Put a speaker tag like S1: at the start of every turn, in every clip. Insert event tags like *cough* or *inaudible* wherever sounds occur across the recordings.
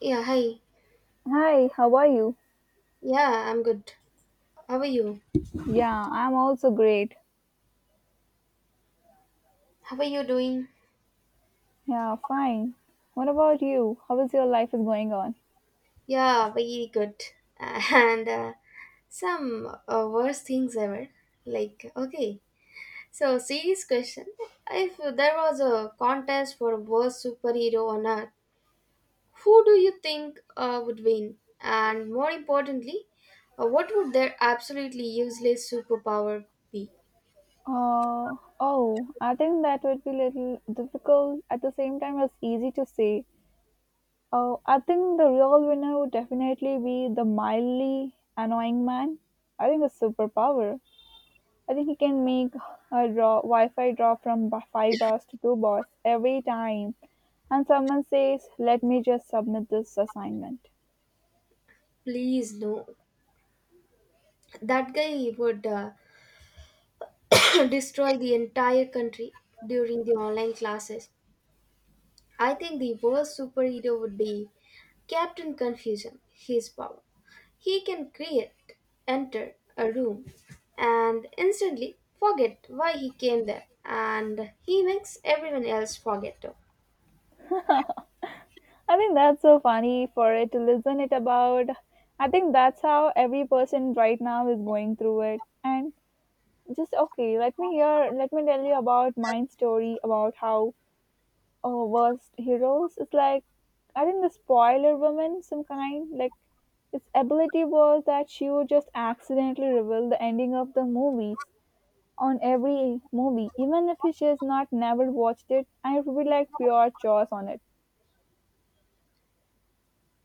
S1: Yeah, hi.
S2: Hi, how are you?
S1: Yeah, I'm good. How are you?
S2: Yeah, I'm also great.
S1: How are you doing?
S2: Yeah, fine. What about you? How is your life is going on?
S1: Yeah, very good. *laughs* And Some worst things ever. Like, okay. So, serious question. If there was a contest for worst superhero on earth, who do you think would win? And more importantly, what would their absolutely useless superpower be?
S2: Oh, I think that would be little difficult at the same time it's easy to say. Oh, I think the real winner would definitely be the mildly annoying man. I think it's superpower. I think he can make a draw Wi-Fi drop from five bars to two bars every time, and someone says, "Let me just submit this assignment."
S1: Please, no. That guy would *clears throat* destroy the entire country during the online classes. I think the worst superhero would be Captain Confusion, his power. He can create, enter a room, and instantly forget why he came there, and he makes everyone else forget too.
S2: I think that's so funny for it to listen it about. I think that's how every person right now is going through it. And just okay, let me tell you about my story about how worst heroes is like. I think the spoiler woman, some kind, like its ability was that she would just accidentally reveal the ending of the movies on every movie, even if she has not never watched it. I would be like pure chores on it.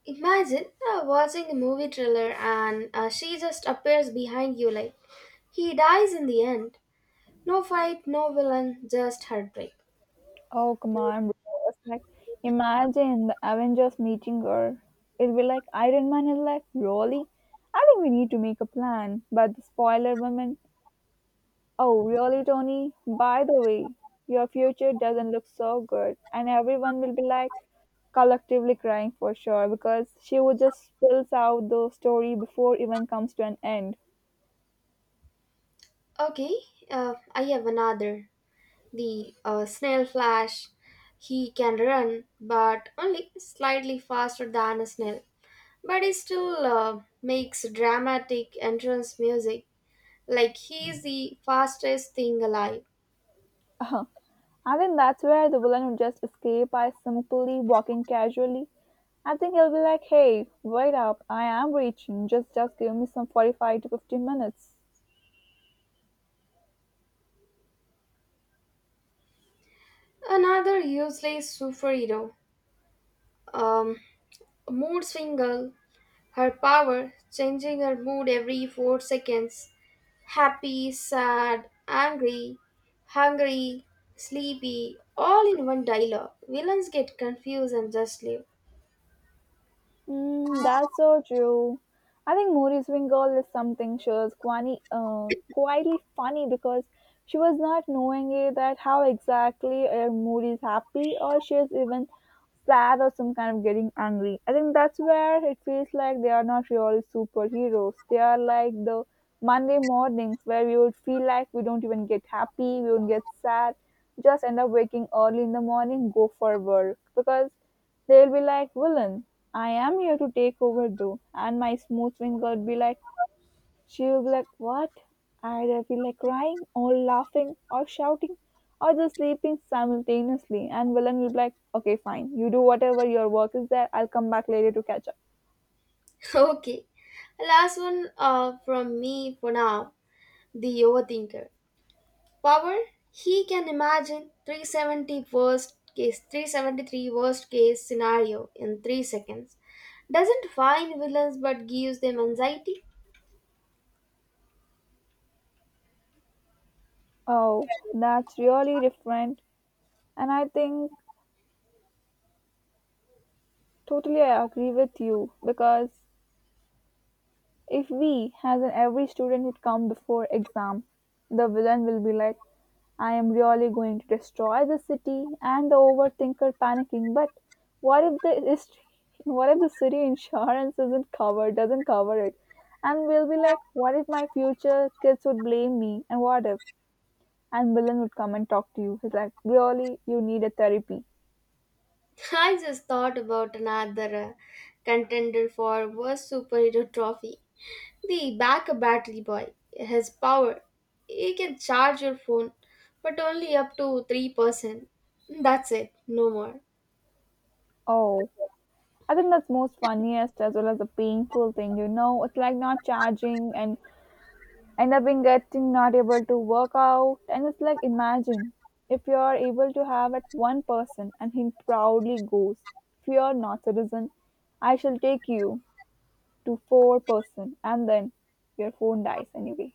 S1: Imagine watching a movie trailer and she just appears behind you like he dies in the end. No fight, no villain, just heartbreak.
S2: Oh, come on, bro. It's like, imagine the Avengers meeting her. It'll be like Iron Man is like, really? I think we need to make a plan. But the spoiler woman, oh, really, Tony? By the way, your future doesn't look so good. And everyone will be like collectively crying for sure because she would just spills out the story before even comes to an end.
S1: Okay, I have another. The snail flash. He can run, but only slightly faster than a snail. But he still makes dramatic entrance music, like he's the fastest thing alive.
S2: I think that's where the villain would just escape by simply walking casually. I think he'll be like, hey, wait up, I am reaching, just give me some 45 to 50 minutes.
S1: Another useless superhero, um, Mood Swinger. Her power, changing her mood every 4 seconds. Happy, sad, angry, hungry, sleepy, all in one dialogue. Villains get confused and just leave.
S2: Mm, that's so true. I think Muri's Wingle is something quietly funny because she was not knowing it that how exactly Moody is happy or she is even sad or some kind of getting angry. I think that's where it feels like they are not really superheroes. They are like the Monday mornings where we would feel like we don't even get happy, we don't get sad, just end up waking early in the morning, go for work because they'll be like, villain, I am here to take over though. And my smooth finger would be like, she'll be like, what? Either be like crying or laughing or shouting or just sleeping simultaneously. And villain will be like, okay, fine. You do whatever your work is there. I'll come back later to catch up.
S1: *laughs* Okay, last one from me for now. The overthinker. Power, he can imagine 370 worst case, 373 worst case scenario in 3 seconds. Doesn't find villains but gives them anxiety.
S2: Oh, that's really different. And I think totally I agree with you because if we, as in every student, had come before exam, the villain will be like, I am really going to destroy the city and the overthinker panicking. But what if the ist- what if the city insurance isn't covered, doesn't cover it? And we'll be like, what if my future kids would blame me? And what if? And villain would come and talk to you. He's like, really, you need a therapy.
S1: *laughs* I just thought about another contender for worst superhero trophy. The backup battery boy has power. He can charge your phone, but only up to 3%. That's it, no more.
S2: Oh, I think that's most funniest as well as the painful thing. You know, it's like not charging and end up in getting not able to work out and it's like imagine if you are able to have at one person and he proudly goes fear not citizen, I shall take you to four person and then your phone dies anyway.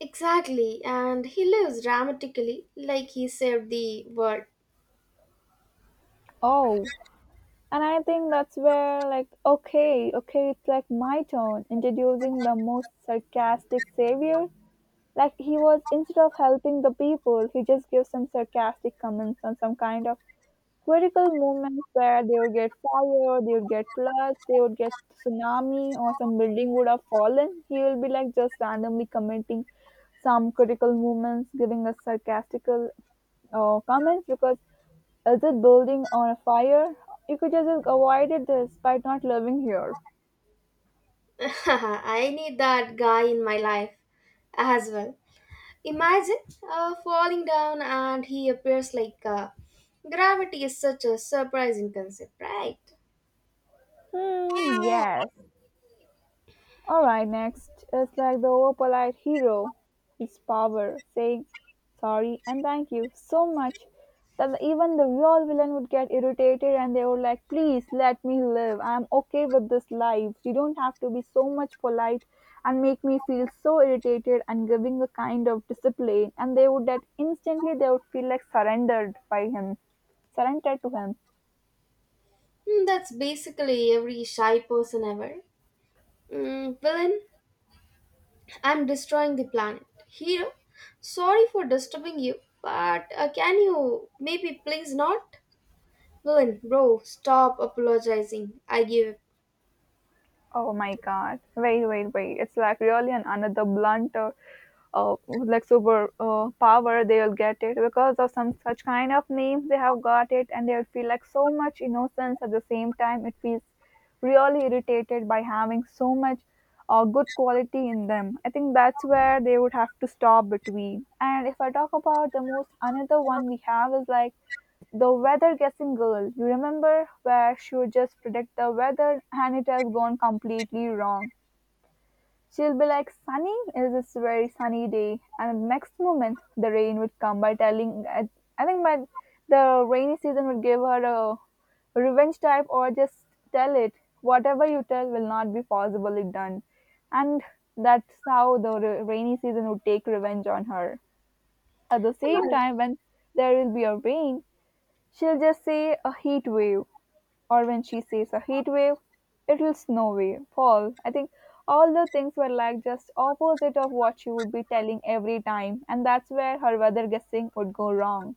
S1: Exactly, and he lives dramatically like he saved the world.
S2: Oh, and I think that's where like okay, it's like my turn introducing the most sarcastic savior, like he was instead of helping the people he just gives some sarcastic comments on some kind of critical moments where they would get fire, they would get floods, they would get tsunami, or some building would have fallen. He will be like just randomly commenting some critical moments, giving us sarcastical comments because is it building on a fire? You could just avoided this by not living here.
S1: *laughs* I need that guy in my life as well. Imagine falling down and he appears like gravity is such a surprising concept, right?
S2: Hmm, yes. Alright, next is like the overpolite hero, his power, saying sorry and thank you so much that even the real villain would get irritated and they were like, please let me live. I'm okay with this life. You don't have to be so much polite and make me feel so irritated and giving a kind of discipline. And they would that instantly they would feel like surrendered by him, surrendered to him.
S1: Hmm, that's basically every shy person ever. Mm, villain? I'm destroying the planet. Hero, sorry for disturbing you, but can you maybe please not? Villain, bro, stop apologizing. I give
S2: Oh my god. Wait, wait, wait. It's like really an another blunt like super power they'll get it because of some such kind of names they have got it and they'll feel like so much innocence at the same time it feels really irritated by having so much good quality in them. I think that's where they would have to stop between, and if I talk about the most another one we have is like the weather guessing girl, you remember, where she would just predict the weather and it has gone completely wrong. She'll be like, sunny is this very sunny day, and the next moment the rain would come by telling, I think by the rainy season would give her a revenge type or just tell it whatever you tell will not be possibly done, and that's how the rainy season would take revenge on her at the same
S1: up.
S2: time when there will be a rain. She'll just say a heat wave, or when she says a heat wave, it'll snow wave, fall. I think all the things were like just opposite of what she would be telling every time, and that's where her weather guessing would go wrong.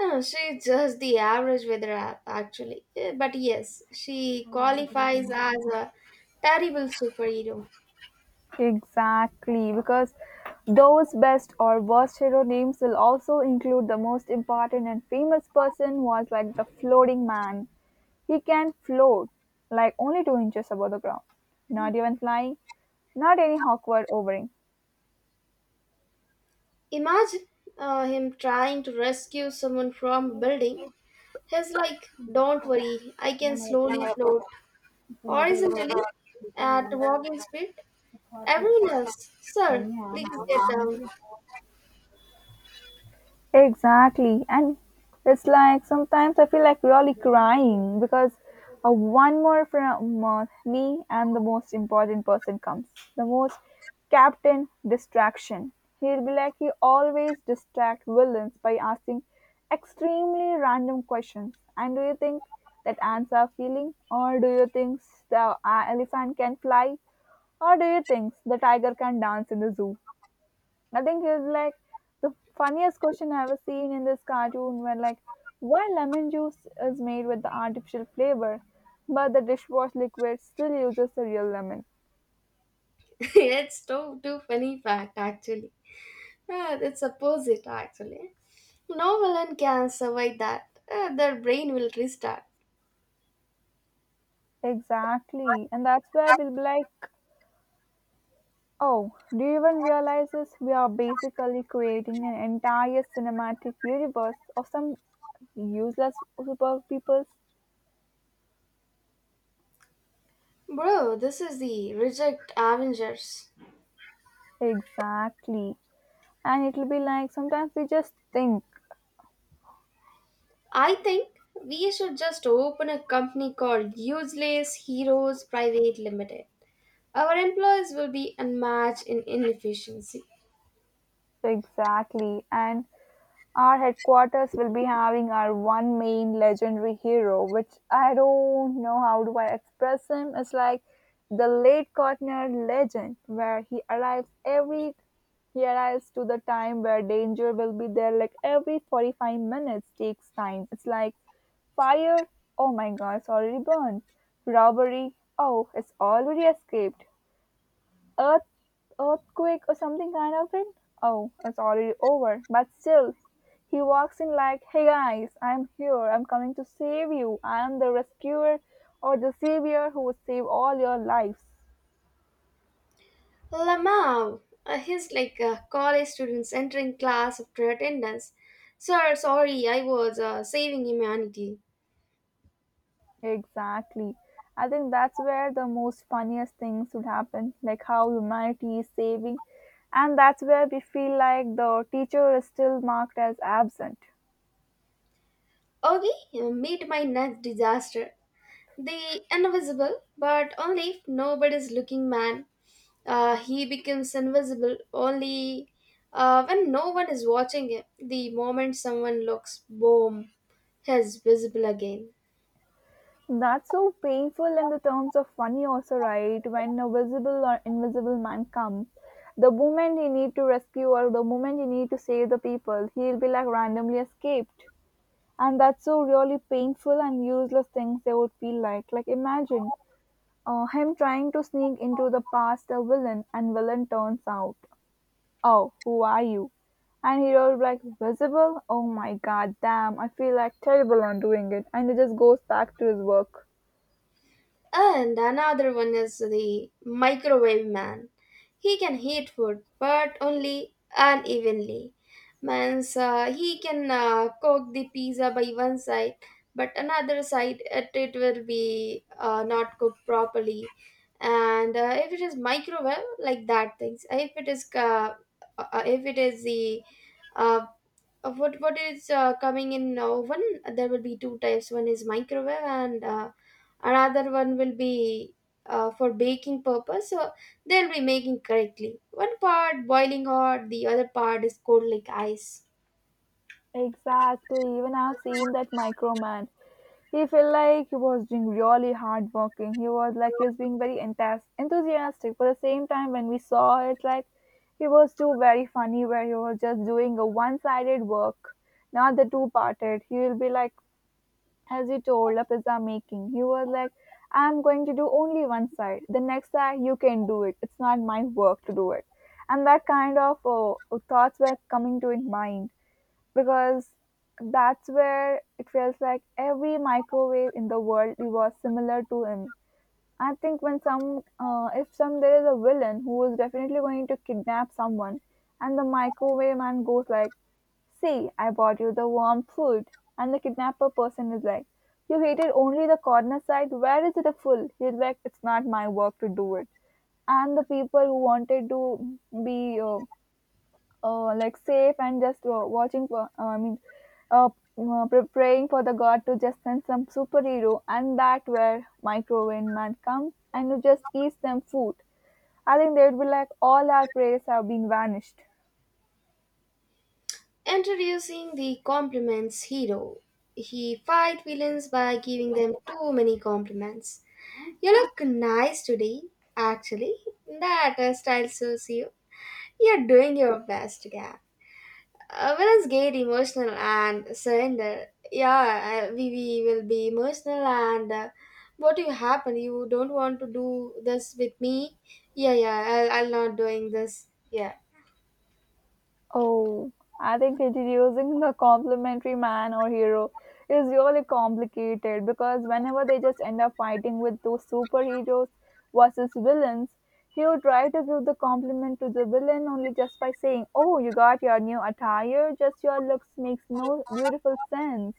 S1: She's just the average weather app, actually. But yes, she qualifies as a terrible superhero.
S2: Exactly, because those best or worst hero names will also include the most important and famous person was like the floating man. He can float like only 2 inches above the ground, not even flying, not any awkward overing.
S1: Imagine him trying to rescue someone from a building. He's like, don't worry, I can slowly float horizontally at walking speed. Everyone else, sir, please get down.
S2: Exactly. And it's like sometimes I feel like really crying because one more from me and the most important person comes. The most captain distraction. He'll be like, he always distract villains by asking extremely random questions. And do you think that ants are feeling? Or do you think the elephant can fly? Or do you think the tiger can dance in the zoo? I think it's like the funniest question I've ever seen in this cartoon, where like why lemon juice is made with the artificial flavor, but the dishwash liquid still uses the real lemon.
S1: *laughs* It's too funny fact, actually. Ah, it's opposite, actually. No villain can survive that. Ah, their brain will restart.
S2: Exactly. And that's where we'll be like, oh, do you even realize this? We are basically creating an entire cinematic universe of some useless super peoples.
S1: Bro, this is the Reject Avengers.
S2: Exactly. And it'll be like sometimes we just think.
S1: I think we should just open a company called Useless Heroes Private Limited. Our employees will be unmatched in inefficiency.
S2: Exactly. And our headquarters will be having our one main legendary hero, which I don't know how do I express him. It's like the late Kortner legend, where he arrives to the time where danger will be there like every 45 minutes takes time. It's like fire, oh my god, it's already burned. Robbery, oh, it's already escaped. earth Earthquake or something kind of it. Oh, it's already over. But still, he walks in like, "Hey guys, I'm here. I'm coming to save you. I'm the rescuer or the savior who will save all your lives."
S1: Lamau, he's like college students entering class after attendance. Sir, sorry, I was saving humanity.
S2: Exactly. I think that's where the most funniest things would happen, like how humanity is saving, and that's where we feel like the teacher is still marked as absent.
S1: Augie, meet my next disaster. The invisible, but only if nobody's looking man. He becomes invisible only when no one is watching him. The moment someone looks, boom, he's visible again.
S2: That's so painful in the terms of funny also, right? When a visible or invisible man comes, the moment he need to rescue or the moment he need to save the people, he'll be like randomly escaped. And that's so really painful and useless things they would feel like. Like imagine him trying to sneak into the past a villain and villain turns out, oh, who are you? And he was like, visible? Oh my god, damn, I feel like terrible on doing it. And he just goes back to his work.
S1: And another one is the microwave man. He can heat food, but only unevenly. Means he can cook the pizza by one side, but another side it will be not cooked properly. And if it is microwave, like that things. If it is the uh, what is coming in oven, there will be two types. One is microwave and another one will be for baking purpose, so they'll be making correctly one part boiling hot, the other part is cold like ice.
S2: Exactly. Even I've seen that microman. He felt like he was doing really hard working. He was like he was being very enthusiastic. But at the same time, when we saw it, like he was too very funny, where he was just doing a one-sided work, not the two-parted. He will be like, as you told, a pizza making. He was like, I'm going to do only one side. The next side, you can do it. It's not my work to do it. And that kind of thoughts were coming to his mind because that's where it feels like every microwave in the world was similar to him. I think when some, if some there is a villain who is definitely going to kidnap someone, and the microwave man goes like, "See, I bought you the warm food," and the kidnapper person is like, "You hated only the corner side. Where is the full?" He's like, "It's not my work to do it." And the people who wanted to be uh, like safe and just watching for uh, praying for the god to just send some superhero and that where microwave man comes and you just eats them food. I think they would be like all our prayers have been vanished.
S1: Introducing the compliments hero. He fight villains by giving them too many compliments. You look nice today. Actually, that hairstyle suits you. You're doing your best, guy. Whereas get emotional and surrender, yeah, we will be emotional and what will happen? You don't want to do this with me? Yeah, yeah, I'll not doing this. Yeah.
S2: Oh, I think introducing the complimentary man or hero is really complicated because whenever they just end up fighting with those superheroes versus villains, he would try to give the compliment to the villain only just by saying, "Oh, you got your new attire, just your looks makes no beautiful sense."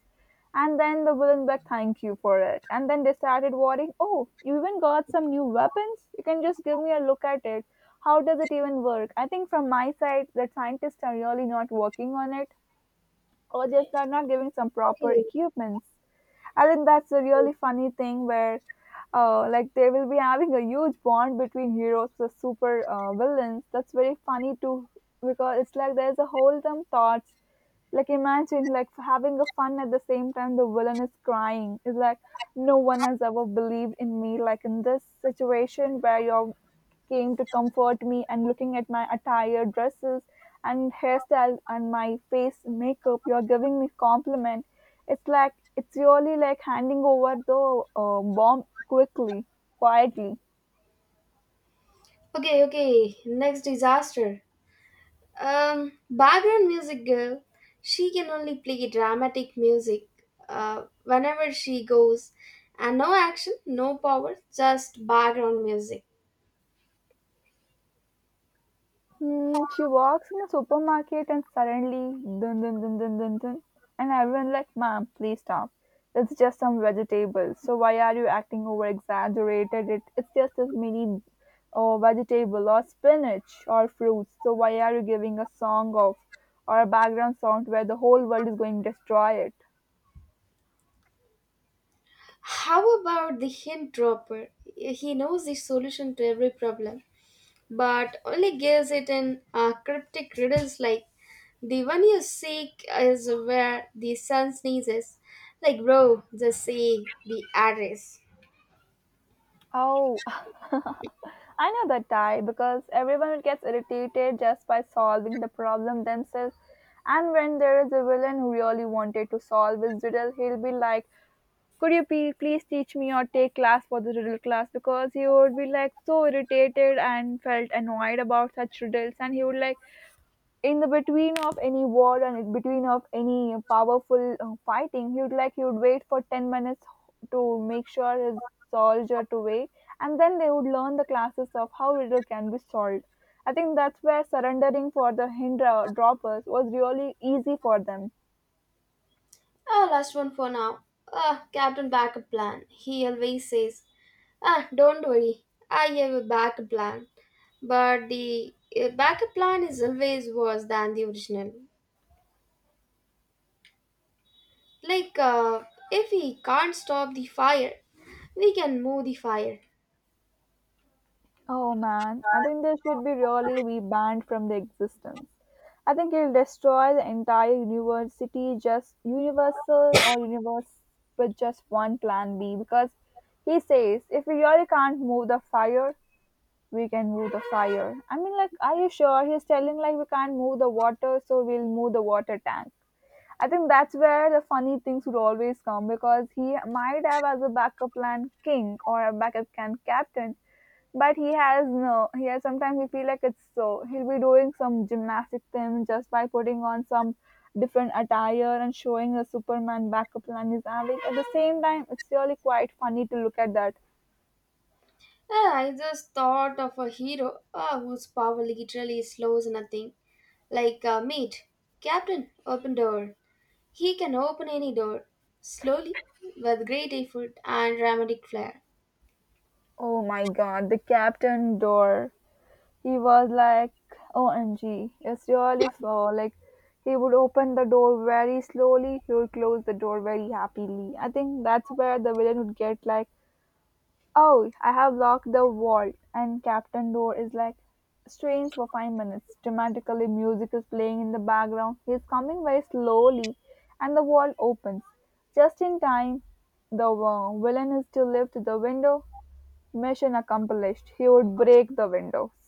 S2: And then the villain back thank you for it. And then they started worrying, "Oh, you even got some new weapons? You can just give me a look at it. How does it even work?" I think from my side that scientists are really not working on it, or just they're not giving some proper
S1: Okay.
S2: equipments. I think that's a really funny thing where like they will be having a huge bond between heroes the super villains. That's very funny too, because it's like there's a whole some thoughts, like imagine like having a fun at the same time the villain is crying. It's like no one has ever believed in me like in this situation where you're came to comfort me, and looking at my attire, dresses, and hairstyle and my face makeup, you're giving me compliment. It's like it's really like handing over the bomb quickly, quietly.
S1: Okay, okay. Next disaster. Background music girl. She can only play dramatic music whenever she goes, and no action, no power, just background music.
S2: Mm, she walks in the supermarket and suddenly, dun dun dun dun dun dun, and everyone like, "Ma'am, please stop. It's just some vegetables. So why are you acting over exaggerated? It's just this mini vegetable or spinach or fruits. So why are you giving a song of or a background sound where the whole world is going to destroy it?"
S1: How about the hint dropper? He knows the solution to every problem, but only gives it in cryptic riddles like the one you seek is where the sun sneezes. Like, bro, just say the address.
S2: Oh, I know that tie because everyone gets irritated just by solving the problem themselves. And when there is a villain who really wanted to solve his riddle, he'll be like, "Could you please teach me or take class for the riddle class?" Because he would be like so irritated and felt annoyed about such riddles, and he would like in the between of any war and in between of any powerful fighting, he would like he would wait for 10 minutes to make sure his soldier to wait, and then they would learn the classes of how riddle can be solved. I think that's where surrendering for the Hindra droppers was really easy for them.
S1: Ah, last one for now. Ah, Captain Backup Plan. He always says, ah, don't worry, I have a backup plan. But the backup plan is always worse than the original. Like, if we can't stop the fire, we can move the fire.
S2: Oh man, I think they should be really be banned from the existence. I think it'll destroy the entire university, just universal or universe with just one plan B. Because he says, if we really can't move the fire, we can move the fire. I mean, like, are you sure? He's telling like we can't move the water, so we'll move the water tank. I think that's where the funny things would always come, because he might have as a backup plan king or a backup plan captain, but he has no. He has sometimes we feel like it's so he'll be doing some gymnastic thing just by putting on some different attire and showing a Superman backup plan is having. At the same time, it's really quite funny to look at that.
S1: I just thought of a hero whose power literally slows nothing. Like, mate, Captain, open door. He can open any door, slowly, with great effort and dramatic flair.
S2: Oh my God, the captain door. He was like, OMG, it's really slow. Like, he would open the door very slowly, he would close the door very happily. I think that's where the villain would get like, "Oh, I have locked the vault." And Captain Door is like, strains for 5 minutes. Dramatically, music is playing in the background. He is coming very slowly, and the vault opens. Just in time, the villain is to lift the window. Mission accomplished. He would break the windows.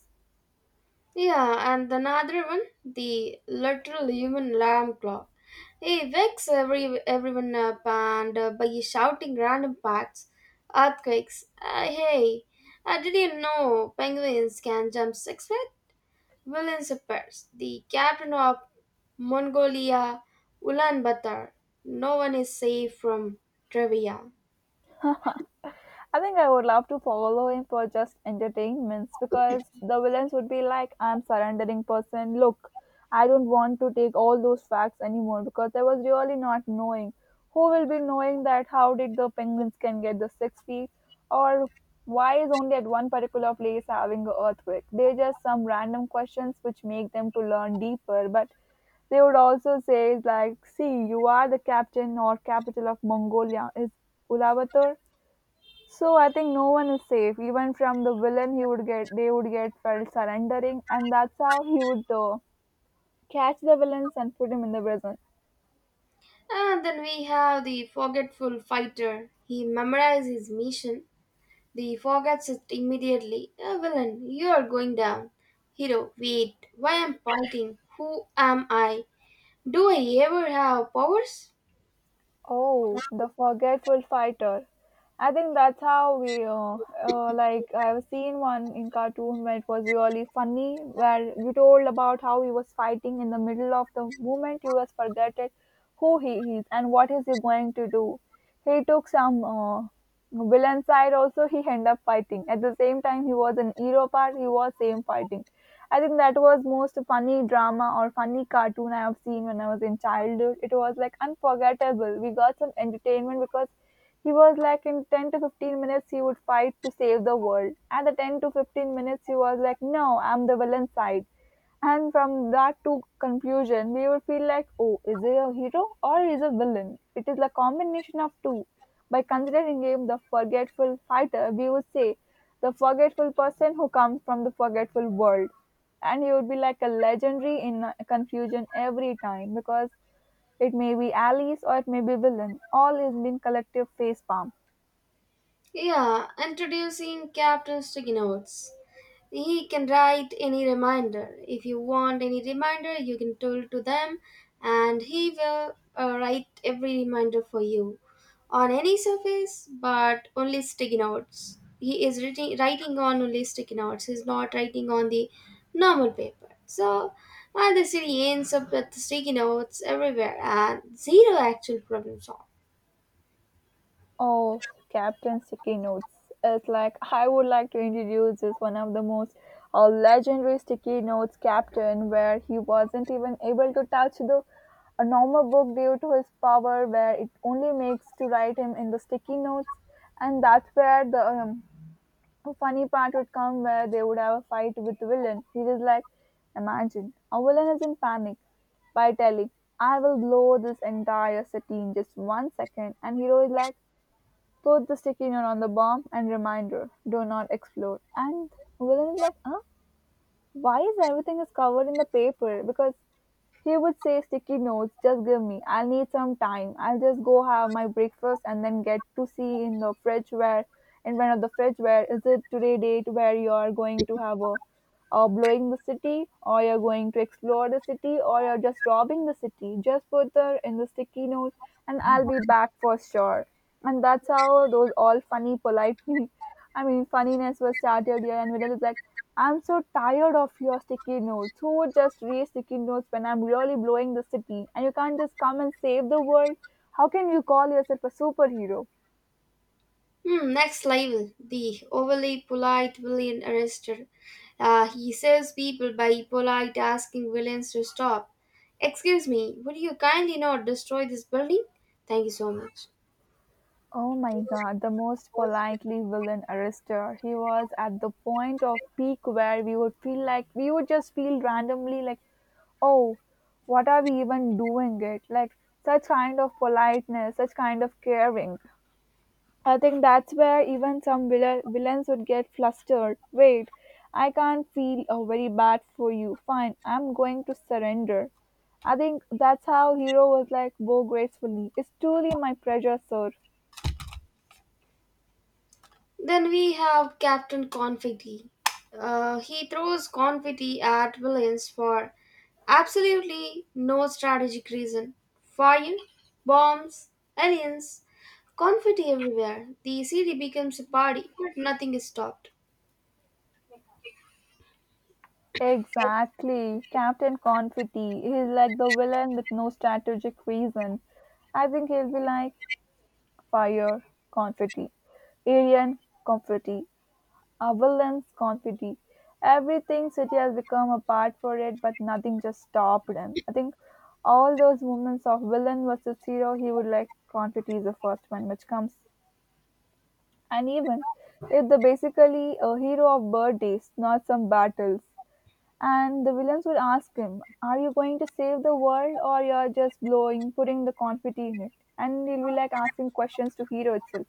S1: Yeah, and another one, the literal human alarm clock. He wakes everyone up and by shouting random facts, earthquakes. Hey, did you know penguins can jump 6 feet? William Sippers, the captain of Mongolia, Ulaanbaatar. No one is safe from trivia.
S2: I think I would love to follow him for just entertainments, because the villains would be like, "I'm surrendering person. Look, I don't want to take all those facts anymore because I was really not knowing. Who will be knowing that how did the penguins can get the 6 feet, or why is only at one particular place having a earthquake?" They're just some random questions which make them to learn deeper, but they would also say like, "See, you are the captain or capital of Mongolia is Ulaanbaatar, so I think no one is safe." Even from the villain, he would get they would get felt surrendering, and that's how he would catch the villains and put him in the prison.
S1: And then we have the forgetful fighter. He memorizes his mission. He forgets it immediately. "Ah, villain, you are going down. Hero, wait, why am fighting? Who am I? Do I ever have powers?
S2: Oh, the forgetful fighter. I think that's how we like I've seen one in cartoon where it was really funny where you told about how he was fighting in the middle of the movement, he was forgotten who he is and what is he going to do. He took some villain side also he end up fighting at the same time he was an hero part he was same fighting. I think that was most funny drama or funny cartoon I have seen when I was in childhood. It was like unforgettable we got some entertainment, because he was like in 10 to 15 minutes he would fight to save the world, at the 10 to 15 minutes he was like, "No, I'm the villain side." And from that to conclusion, we will feel like, "Oh, is he a hero or is a villain?" It is the combination of two. By considering him the forgetful fighter, we would say the forgetful person who comes from the forgetful world. And he would be like a legendary in confusion every time, because it may be allies or it may be villain. All has been collective face palm.
S1: Yeah, introducing Captain Sticky Notes. He can write any reminder. If you want any reminder, you can tell to them and he will write every reminder for you, on any surface, but only sticky notes. He is writing, writing on only sticky notes. He's not writing on the normal paper. So the city ends up with sticky notes everywhere and zero actual problem solved.
S2: Oh, Captain Sticky Notes. It's like I would like to introduce this one of the most legendary Sticky Notes captain, where he wasn't even able to touch the a normal book due to his power, where it only makes to write him in the sticky notes, and that's where the funny part would come, where they would have a fight with the villain. He is like, imagine a villain is in panic by telling, "I will blow this entire city in just 1 second," and hero is like, "Put the sticky note on the bomb and reminder, do not explode." And Villain is like, "Huh? Why is everything is covered in the paper?" Because he would say, "Sticky notes, just give me. I'll need some time. I'll just go have my breakfast and then get to see in the fridge where in front of the fridge where is it today date where you are going to have a or blowing the city, or you're going to explore the city, or you're just robbing the city. Just put the in the sticky note, and I'll be back for sure." And that's how those all funny, polite, *laughs* I mean, funniness was started here. And Vidal is like, "I'm so tired of your sticky notes. Who would just read sticky notes when I'm really blowing the city? And you can't just come and save the world. How can you call yourself a superhero?"
S1: Hmm, next level, the overly polite villain arrested. He saves people by polite asking villains to stop. Excuse me, would you kindly not destroy this building? Thank you so much.
S2: Oh my god, the most politely villain arrestor. He was at the point of peak where we would feel like we would just feel randomly like, "Oh, what are we even doing it?" Like such kind of politeness, such kind of caring. I think that's where even some villains would get flustered. "Wait, I can't feel very bad for you. Fine, I'm going to surrender." I think that's how hero was like bow gracefully. "It's truly my pleasure, sir."
S1: Then we have Captain Confetti. He throws confetti at villains for absolutely no strategic reason. Fire, bombs, aliens, confetti everywhere. The city becomes a party, but nothing is stopped.
S2: Exactly. Captain Confetti. He's like the villain with no strategic reason. I think he'll be like Fire Confetti, Arian Confetti, a Avalanche Confetti. Everything city has become a part for it, but nothing just stopped him. I think all those moments of villain versus hero, he would like Confetti is the first one, which comes. And even if the basically a hero of birthdays, not some battles. And the villains will ask him, "Are you going to save the world or you're just blowing, putting the confetti in it?" And he'll be like asking questions to Hero itself.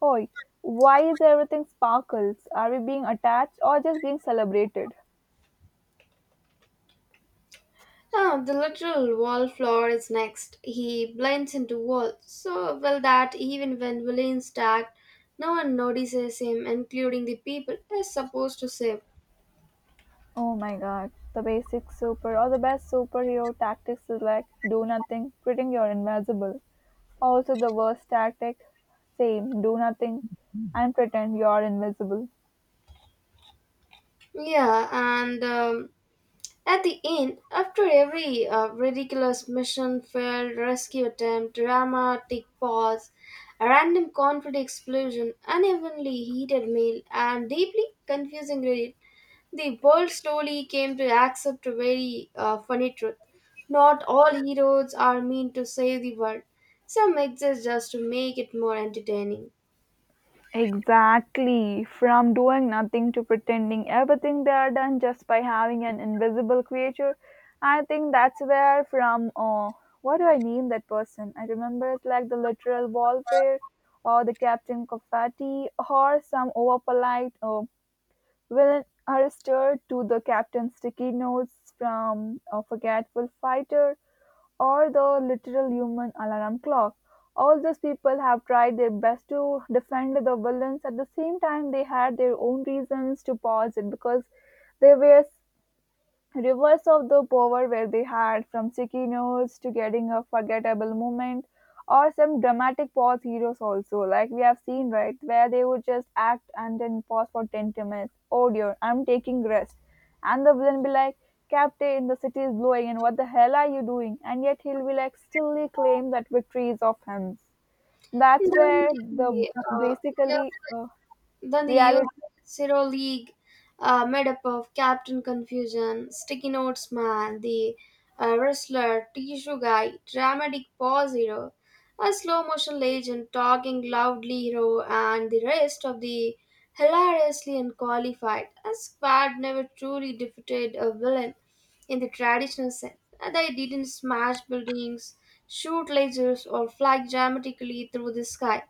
S2: "Hoy, why is everything sparkles? Are we being attached or just being celebrated?"
S1: Ah, the literal wallflower is next. He blends into walls so well that even when villains attack, no one notices him, including the people he's supposed to save.
S2: Oh my god, the basic super or the best superhero tactics is like do nothing, pretend you're invisible. Also, the worst tactic, same, do nothing and pretend you're invisible.
S1: Yeah, and at the end, after every ridiculous mission, failed rescue attempt, dramatic pause, a random conflict explosion, unevenly heated meal, and deeply confusing read, the world slowly came to accept a very funny truth. Not all heroes are meant to save the world. Some exist just to make it more entertaining.
S2: Exactly. From doing nothing to pretending everything they are done just by having an invisible creature. I think that's where from what do I name that person? I remember it's like the literal warfare, or the Captain confetti, or some over polite villain are stirred to the Captain Sticky Notes from a forgetful fighter, or the literal human alarm clock. All these people have tried their best to defend the villains. At the same time, they had their own reasons to pause it because they were Rivers of the power were they had, from sticky notes to getting a forgettable moment, or some dramatic pause heroes also, like we have seen, right, where they would just act and then pause for 10 to minutes. "Oh dear, I'm taking rest." And the villain be like, "Captain, the city is blowing, and what the hell are you doing?" And yet he'll be like, stilly claim that victory is of him. That's
S1: Then
S2: where the
S1: the uh, years
S2: basically
S1: Then the youth
S2: reality.
S1: Zero League, made up of Captain Confusion, Sticky Notes Man, the Wrestler, Tissue Guy, Dramatic Paw Hero, a slow motion legend, Talking Loudly Hero, and the rest of the hilariously unqualified. A squad never truly defeated a villain in the traditional sense. They didn't smash buildings, shoot lasers, or fly dramatically through the sky.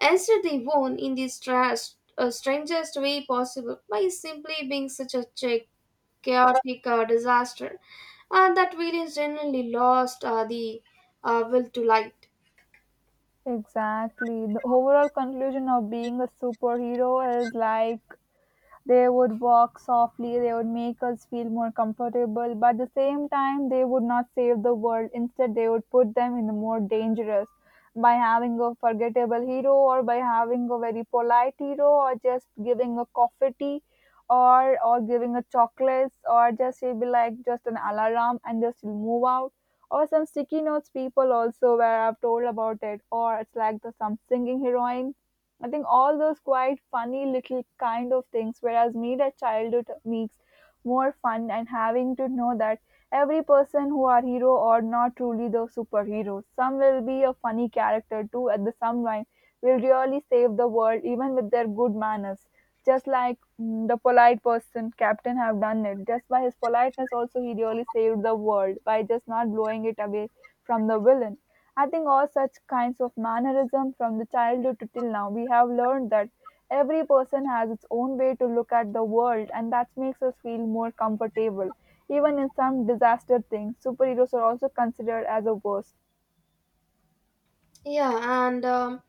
S1: Instead, they won in the strangest way possible by simply being such a chaotic disaster that villains generally lost the will to light.
S2: Exactly. The overall conclusion of being a superhero is like they would walk softly, they would make us feel more comfortable, but at the same time, they would not save the world. Instead, they would put them in the more dangerous by having a forgettable hero or by having a very polite hero or just giving a coffee tea, or giving a chocolates or just he'll be like just an alarm and just he'll move out or some sticky notes people also where I've told about it or it's like the some singing heroine. I think all those quite funny little kind of things, whereas me that childhood makes more fun and having to know that every person who are hero or not truly the superhero. Some will be a funny character too at the some line will really save the world even with their good manners. Just like mm, the polite person, Captain have done it. Just by his politeness also he really saved the world by just not blowing it away from the villain. I think all such kinds of mannerism from the childhood to till now, we have learned that every person has its own way to look at the world, and that makes us feel more comfortable. Even in some disaster things, superheroes are also considered as a worst.
S1: Yeah,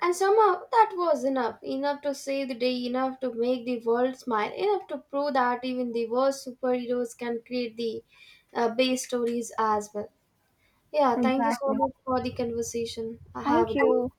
S1: and somehow that was enough, enough to save the day, enough to make the world smile, enough to prove that even the worst superheroes can create the base stories as well. Yeah, thank you so
S2: Exactly.
S1: much for the conversation. Have a
S2: Thank
S1: good.
S2: you.